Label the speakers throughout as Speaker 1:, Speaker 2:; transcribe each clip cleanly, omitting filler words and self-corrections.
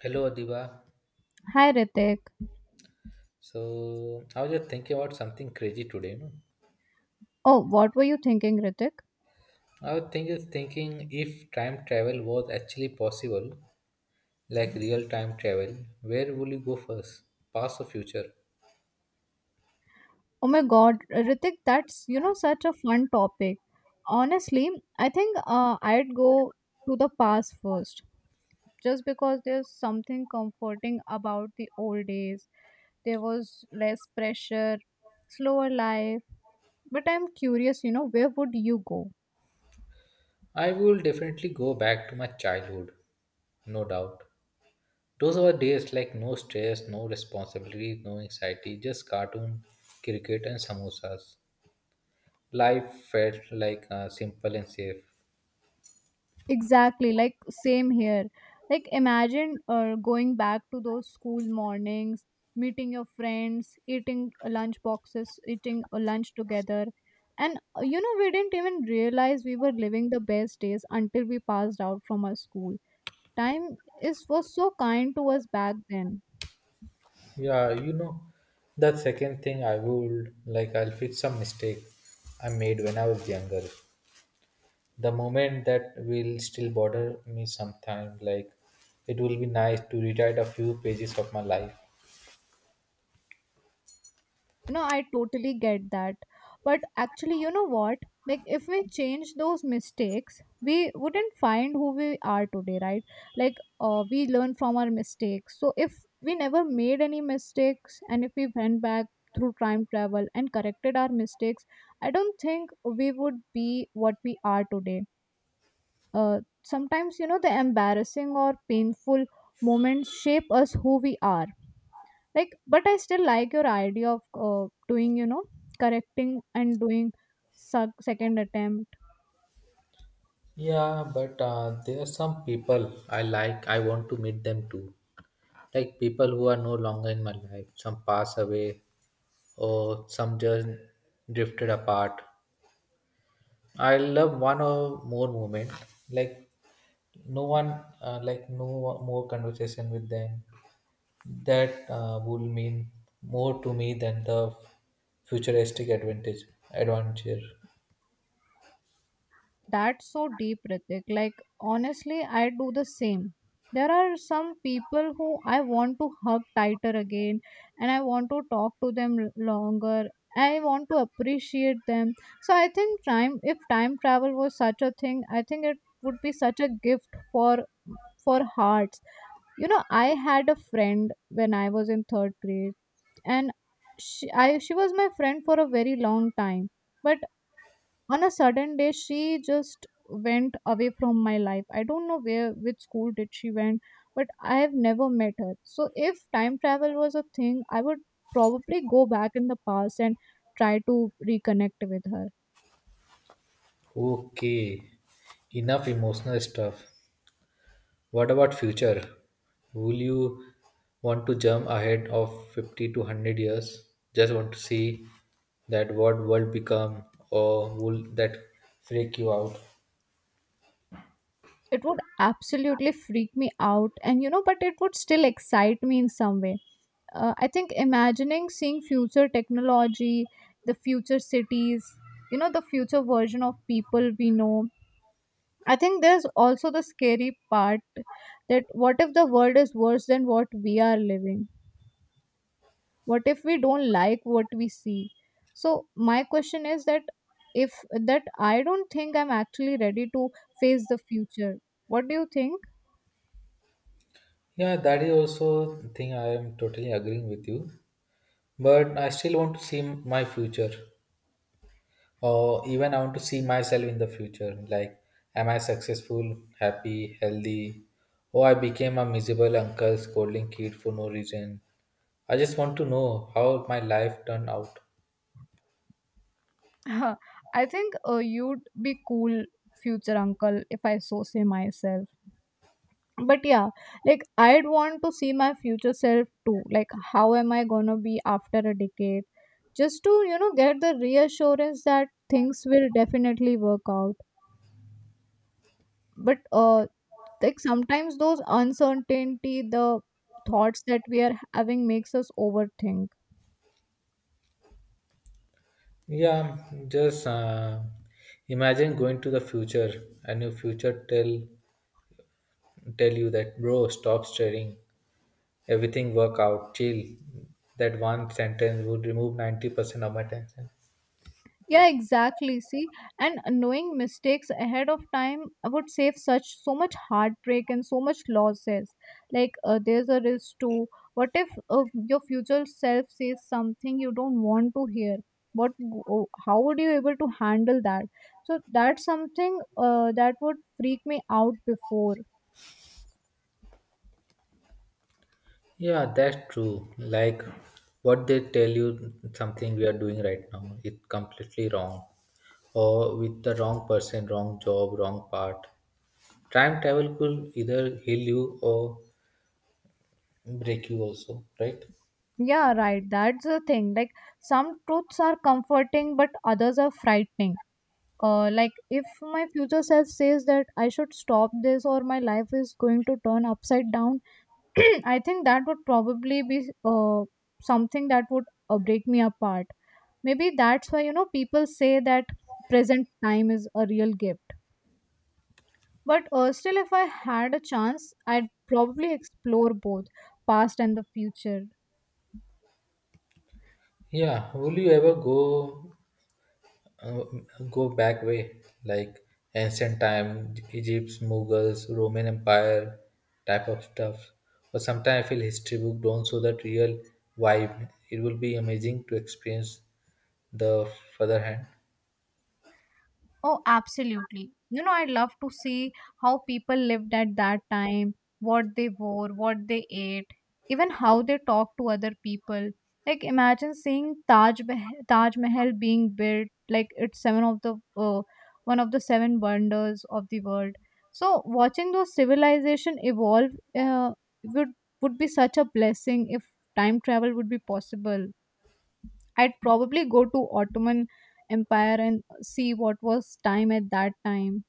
Speaker 1: Hello, Adiba.
Speaker 2: Hi Ritik.
Speaker 1: So I was just thinking about something crazy today. You know?
Speaker 2: Oh, what were you thinking, Ritik?
Speaker 1: Just thinking, if time travel was actually possible, like real time travel, where would you go first, past or future?
Speaker 2: Oh my God, Ritik, that's such a fun topic. Honestly, I think I'd go to the past first, just because there's something comforting about the old days. There was less pressure, slower life. But I'm curious, where would you go?
Speaker 1: I will definitely go back to my childhood, no doubt. Those were days like no stress, no responsibilities, no anxiety, just cartoon, cricket, and samosas. Life felt like simple and safe.
Speaker 2: Exactly, like same here. Like, imagine going back to those school mornings, meeting your friends, eating lunch boxes, eating lunch together. And we didn't even realize we were living the best days until we passed out from our school. Time is was so kind to us back then.
Speaker 1: Yeah, you know, that second thing I would I'll fix some mistake I made when I was younger. The moment that will still bother me sometime, like, it will be nice to rewrite a few pages of my life.
Speaker 2: No, I totally get that, but actually, you know what, like if we change those mistakes, we wouldn't find who we are today, right? Like, we learn from our mistakes. So if we never made any mistakes, and if we went back through time travel and corrected our mistakes, I don't think we would be what we are today. uh, Sometimes the embarrassing or painful moments shape us who we are. Like, but I still like your idea of doing, correcting and doing second attempt.
Speaker 1: Yeah, but there are some people I want to meet them too. Like people who are no longer in my life, some pass away or some just drifted apart. I love one or more moment, like no one like no more conversation with them that will mean more to me than the futuristic advantage adventure.
Speaker 2: That's so deep, Ritik. Like, honestly, I do the same. There are some people who I want to hug tighter again, and I want to talk to them longer. I want to appreciate them. So I think time if time travel was such a thing, I think it would be such a gift for hearts. You know, I had a friend when I was in third grade. And she was my friend for a very long time. But on a sudden day, she just went away from my life. I don't know where which school did she went, but I have never met her. So if time travel was a thing, I would probably go back in the past and try to reconnect with her.
Speaker 1: Okay, enough emotional stuff. What about future? Will you want to jump ahead of 50 to 100 years, just want to see that what world become, or will that freak you out?
Speaker 2: It would absolutely freak me out, and you know but it would still excite me in some way. I think imagining seeing future technology, the future cities, the future version of people we know. I think there's also the scary part. That what if the world is worse than what we are living? What if we don't like what we see? So my question is that, if that, I don't think I'm actually ready to face the future. What do you think?
Speaker 1: Yeah, that is also thing I am totally agreeing with you, but I still want to see my future, or even I want to see myself in the future. Like, am I successful, happy, healthy, or I became a miserable uncle scolding kid for no reason? I just want to know how my life turned out.
Speaker 2: Huh, I think you'd be cool future uncle if I so say myself. But yeah, like I'd want to see my future self too. Like, how am I gonna be after a decade? Just to, get the reassurance that things will definitely work out. But like sometimes those uncertainty, the thoughts that we are having makes us overthink.
Speaker 1: Yeah, just imagine going to the future and your future tell you that bro, stop staring. Everything work out, chill. That one sentence would remove 90% of my tension.
Speaker 2: Yeah, exactly. See, and knowing mistakes ahead of time would save such so much heartbreak and so much losses. Like, there's a risk too. What if your future self says something you don't want to hear? What? How would you able to handle that? So that's something that would freak me out before.
Speaker 1: Yeah, that's true. Like what they tell you something we are doing right now, it's completely wrong. Or with the wrong person, wrong job, wrong part. Time travel could either heal you or break you also, right?
Speaker 2: Yeah, right. That's the thing. Like, some truths are comforting, but others are frightening. Like, if my future self says that I should stop this or my life is going to turn upside down. I think that would probably be something that would break me apart. Maybe that's why, people say that present time is a real gift. But still, if I had a chance, I'd probably explore both past and the future.
Speaker 1: Yeah. Will you ever go uh, go back way, like ancient time, Egypt's, Mughals, Roman Empire type of stuff? But sometimes I feel history book don't show that real vibe. It will be amazing to experience the further hand.
Speaker 2: Oh, absolutely. You know, I love to see how people lived at that time, what they wore, what they ate, even how they talked to other people. Like, imagine seeing Taj Mahal being built, like it's seven of the one of the seven wonders of the world. So, watching those civilization evolve uh, would be such a blessing if time travel would be possible. I'd probably go to Ottoman Empire and see what was time at that time.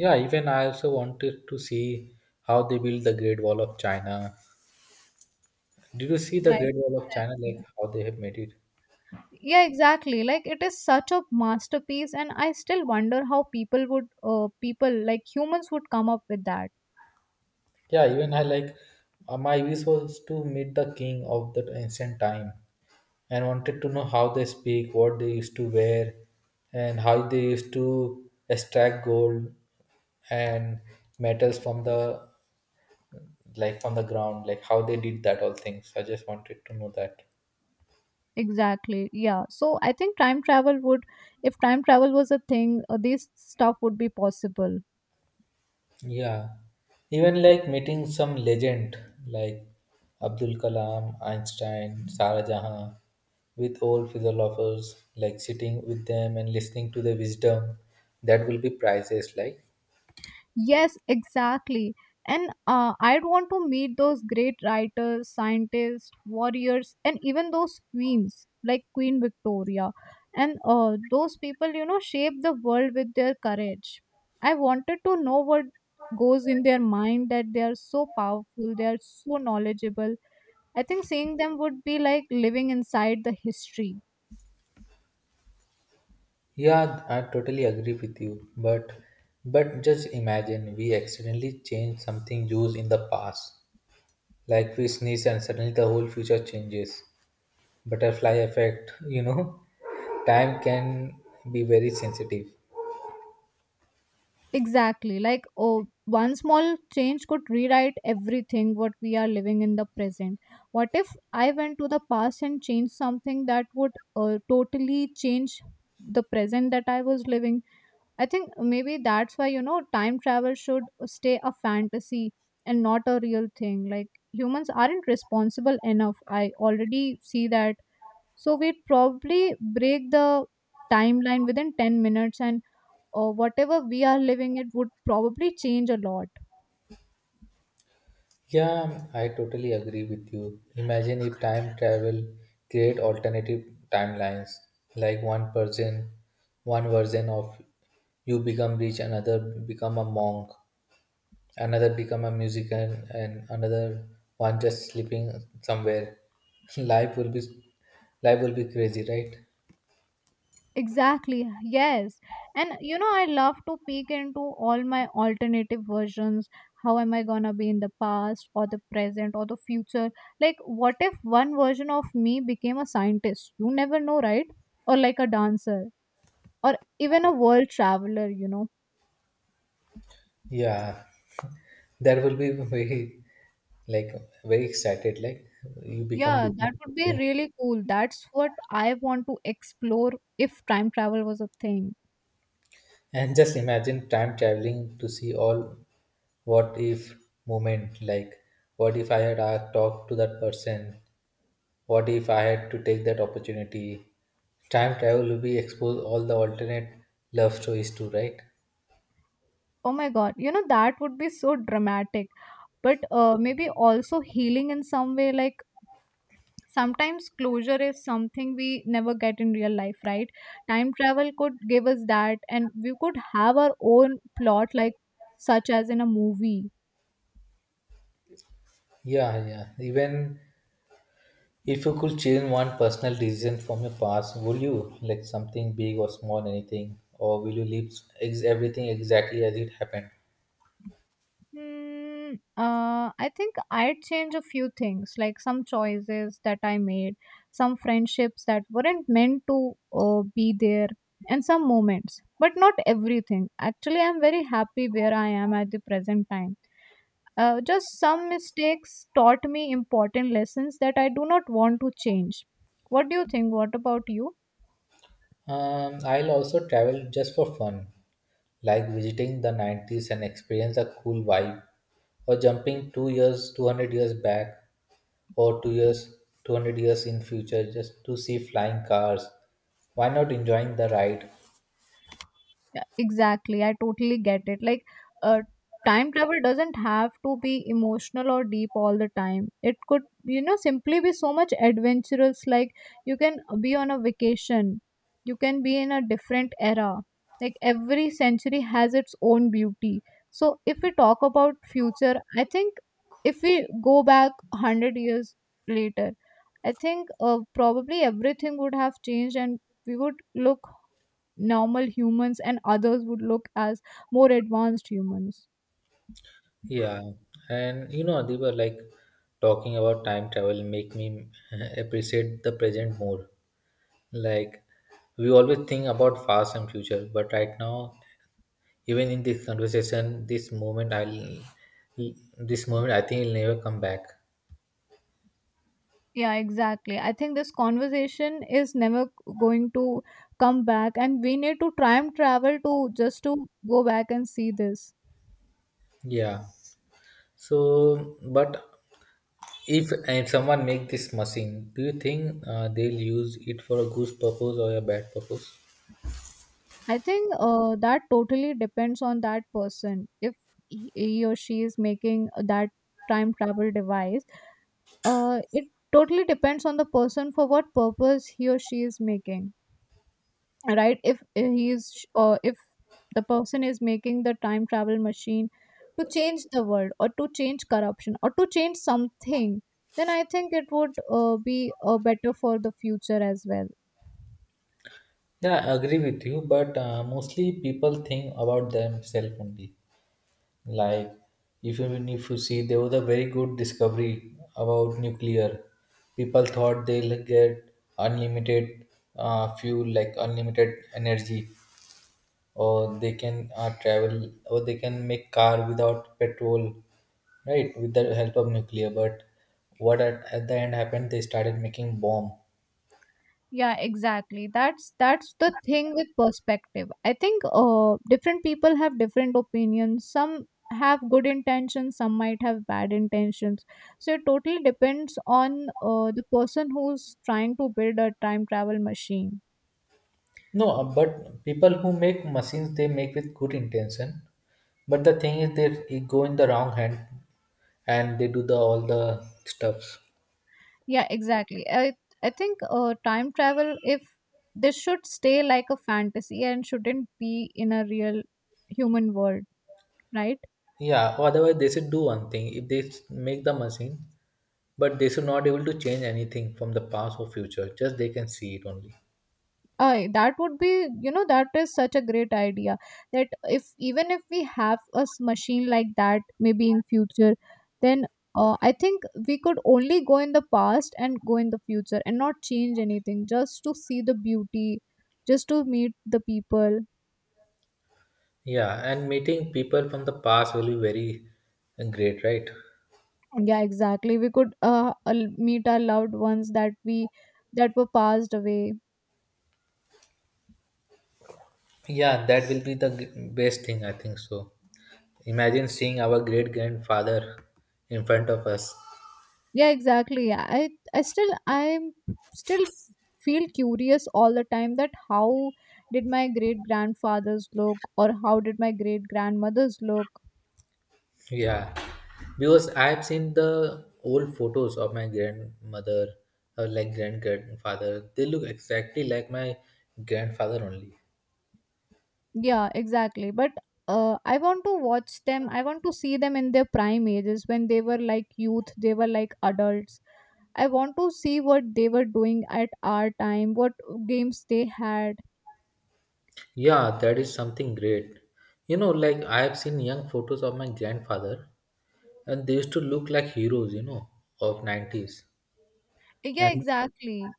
Speaker 1: Yeah, even I also wanted to see how they built the Great Wall of China. Did you see the
Speaker 2: Right.
Speaker 1: Great Wall of China,
Speaker 2: Exactly.
Speaker 1: like how they have made it?
Speaker 2: Yeah, exactly. Like, it is such a masterpiece, and I still wonder how people like humans would come up with that.
Speaker 1: Yeah, even I like, my wish was to meet the king of that ancient time and wanted to know how they speak, what they used to wear, and how they used to extract gold and metals from the like from the ground, like how they did that all things. So, I just wanted to know that.
Speaker 2: Exactly. Yeah. So I think if time travel was a thing, this stuff would be possible.
Speaker 1: Yeah. Even like meeting some legend like Abdul Kalam, Einstein, Sara Jahan with old philosophers, like sitting with them and listening to their wisdom, that will be priceless. Like,
Speaker 2: Yes, exactly. And I'd want to meet those great writers, scientists, warriors, and even those queens like Queen Victoria. And those people, shape the world with their courage. I wanted to know what goes in their mind that they are so powerful, they are so knowledgeable. I think seeing them would be like living inside the history.
Speaker 1: yeah, I totally agree with you. But just imagine we accidentally change something used in the past. Like we sneeze and suddenly the whole future changes. Butterfly effect, you know. Time can be very sensitive.
Speaker 2: Exactly. Like, oh, one small change could rewrite everything what we are living in the present. What if I went to the past and changed something that would totally change the present that I was living? I think maybe that's why, time travel should stay a fantasy and not a real thing. Like, humans aren't responsible enough. I already see that. So, we'd probably break the timeline within 10 minutes, and or whatever we are living, it would probably change a lot.
Speaker 1: Yeah, I totally agree with you. Imagine if time travel create alternative timelines. Like one person, one version of you become rich, another become a monk, another become a musician and another one just sleeping somewhere. Life will be life will be crazy, right?
Speaker 2: Exactly. Yes. And I love to peek into all my alternative versions. How am I gonna be in the past or the present or the future? Like, what if one version of me became a scientist? You never know, right? Or like a dancer or even a world traveler, you know.
Speaker 1: Yeah, that will be very, like very excited, like you become
Speaker 2: Yeah, that would be
Speaker 1: different.
Speaker 2: really cool. That's what I want to explore if time travel was a thing.
Speaker 1: And just imagine time traveling to see all what if moment, like what if I had talked to that person, what if I had to take that opportunity? Time travel will be exposed all the alternate love stories too, right?
Speaker 2: Oh my God, that would be so dramatic. But maybe also healing in some way. Like, sometimes closure is something we never get in real life, right? Time travel could give us that, and we could have our own plot like such as in a movie.
Speaker 1: Yeah, yeah. Even if you could change one personal decision from your past, would you like something big or small, anything, or will you leave everything exactly as it happened?
Speaker 2: Hmm, I think I'd change a few things, like some choices that I made, some friendships that weren't meant to be there, and some moments, but not everything. Actually, I'm very happy where I am at the present time. Just some mistakes taught me important lessons that I do not want to change. What do you think? What about you?
Speaker 1: I'll also travel just for fun, like visiting the 90s and experience a cool vibe, or jumping 2 years, 200 years back, or 2 years, 200 years in future just to see flying cars. Why not enjoying the ride?
Speaker 2: Yeah, exactly. I totally get it. Like, uh, time travel doesn't have to be emotional or deep all the time. It could, simply be so much adventurous. Like, you can be on a vacation, you can be in a different era. Like, every century has its own beauty. So, if we talk about future, I think if we go back 100 years later, I think probably everything would have changed, and we would look normal humans and others would look as more advanced humans.
Speaker 1: Yeah, and you know, they were like talking about time travel make me appreciate the present more. Like we always think about past and future, but right now, even in this conversation, this moment I think it'll never come back.
Speaker 2: Yeah, exactly. I think this conversation is never going to come back, and we need to time travel to just to go back and see this.
Speaker 1: Yeah. So, but if someone make this machine, do you think they'll use it for a good purpose or a bad purpose?
Speaker 2: I think that totally depends on that person. If he or she is making that time travel device, it totally depends on the person for what purpose he or she is making. Right, if if the person is making the time travel machine to change the world or to change corruption or to change something, then I think it would be better for the future as well.
Speaker 1: Yeah, I agree with you, but mostly people think about themselves only. Like, if even if you see, there was a very good discovery about nuclear. People thought they'll get unlimited fuel, like unlimited energy, or they can travel, or they can make car without petrol, right, with the help of nuclear. But what at the end happened? They started making bomb.
Speaker 2: Yeah, exactly. That's the thing with perspective. I think different people have different opinions. Some have good intentions, some might have bad intentions. So it totally depends on the person who's trying to build a time travel machine.
Speaker 1: No, but people who make machines they make with good intention. But the thing is, they it go in the wrong hand, and they do the all the stuffs.
Speaker 2: Yeah, exactly. I think time travel, if this should stay like a fantasy and shouldn't be in a real human world, right?
Speaker 1: Yeah. Otherwise, they should do one thing. If they make the machine, but they should not able to change anything from the past or future. Just they can see it only.
Speaker 2: That would be you know that is such a great idea that if even if we have a machine like that maybe in future. Then I think we could only go in the past and go in the future and not change anything, just to see the beauty, just to meet the people.
Speaker 1: Yeah, and meeting people from the past will be very great, right?
Speaker 2: Yeah, exactly. We could meet our loved ones that were passed away.
Speaker 1: Yeah, that will be the best thing, I think so. Imagine seeing our great grandfather in front of us.
Speaker 2: Yeah, exactly. I still feel curious all the time that how did my great grandfathers look, or how did my great grandmothers look.
Speaker 1: Yeah, because I've seen the old photos of my grandmother or like grand grandfather. They look exactly like my grandfather only.
Speaker 2: Yeah, exactly. But I want to watch them. I want to see them in their prime ages when they were like youth, they were like adults. I want to see what they were doing at our time, what games they had.
Speaker 1: Yeah, that is something great. You know, like I have seen young photos of my grandfather, and they used to look like heroes. You know, of nineties,
Speaker 2: Yeah,
Speaker 1: and
Speaker 2: exactly.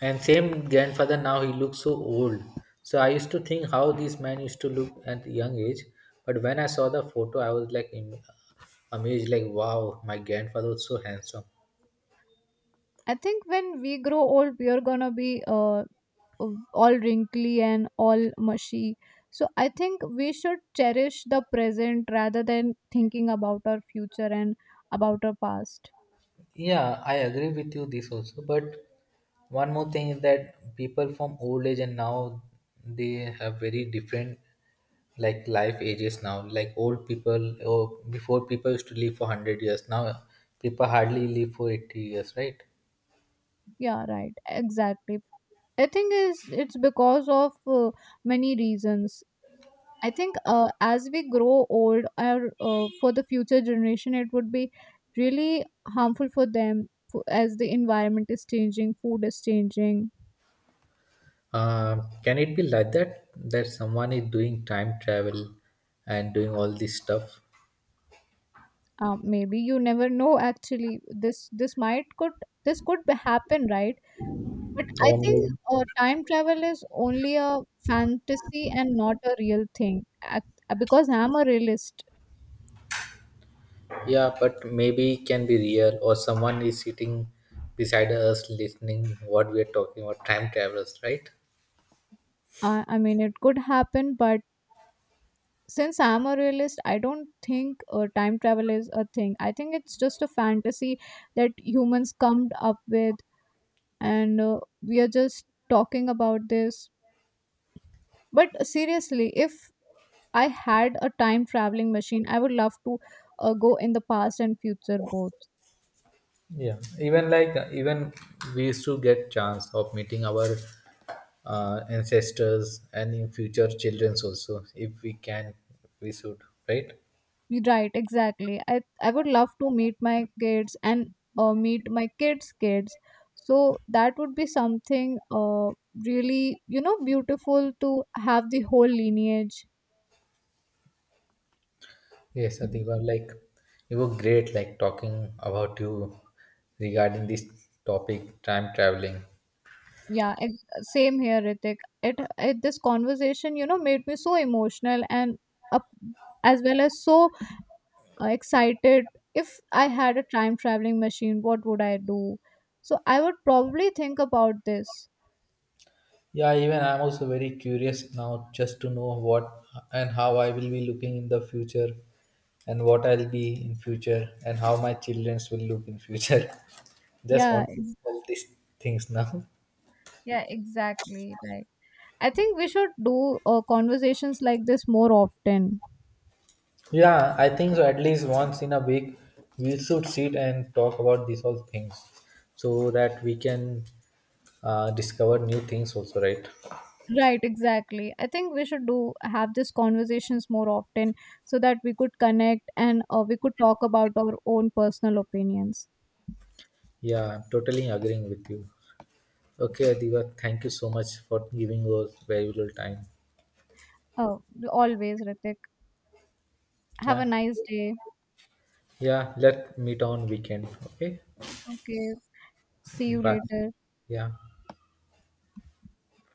Speaker 1: And same grandfather now he looks so old. So I used to think how this man used to look at young age, but when I saw the photo, I was like amazed, like wow, my grandfather was so handsome.
Speaker 2: I think when we grow old, we are gonna be all wrinkly and all mushy. So I think we should cherish the present rather than thinking about our future and about our past.
Speaker 1: Yeah, I agree with you this also, but one more thing is that people from old age and now they have very different like life ages now, like old people or before people used to live for 100 years, now people hardly live for 80 years, right?
Speaker 2: Yeah, right. Exactly. I think is it's because of many reasons. I think as we grow old, our for the future generation, it would be really harmful for them as the environment is changing, food is changing.
Speaker 1: Can it be like that? That someone is doing time travel and doing all this stuff?
Speaker 2: Maybe you never know. Actually, this might could this could be happen, right? But I
Speaker 1: Or maybe,
Speaker 2: think time travel is only a fantasy and not a real thing. Because I'm a realist.
Speaker 1: yeah, but maybe it can be real, or someone is sitting beside us listening what we are talking about, time travelers, right?
Speaker 2: I mean, it could happen, but since I'm a realist, I don't think time travel is a thing. I think it's just a fantasy that humans come up with. And we are just talking about this, but seriously, if I had a time traveling machine, I would love to go in the past and future both.
Speaker 1: Yeah, even like even we used to get chance of meeting our ancestors and in future childrens also. If we can, we should, right?
Speaker 2: Right, exactly. I would love to meet my kids and meet my kids' kids. So that would be something really beautiful to have the whole lineage.
Speaker 1: Yes, Adiba, like you were great, like talking about you regarding this topic, time traveling.
Speaker 2: Yeah, same here, Ritik. It this conversation made me so emotional and up as well as so excited. If I had a time traveling machine, what would I do? So I would probably think about this.
Speaker 1: Yeah, even I'm also very curious now just to know what and how I will be looking in the future and what I'll be in future and how my childrens will look in future. Just
Speaker 2: yeah
Speaker 1: want to know
Speaker 2: ex-
Speaker 1: all these things now.
Speaker 2: yeah, exactly. Like, I think we should do conversations like this more often.
Speaker 1: Yeah, I think so. At least once in a week, we should sit and talk about these all things so that we can discover new things, also, right?
Speaker 2: Right, exactly. I think we should do have these conversations more often, so that we could connect and we could talk about our own personal opinions.
Speaker 1: Yeah, I'm totally agreeing with you. Okay, Adiva, thank you so much for giving us valuable time.
Speaker 2: Oh, always, Ritik. Have a
Speaker 1: Yeah,
Speaker 2: nice day.
Speaker 1: yeah, let's meet on weekend. Okay,
Speaker 2: Okay, see you
Speaker 1: bye.
Speaker 2: later.
Speaker 1: Yeah.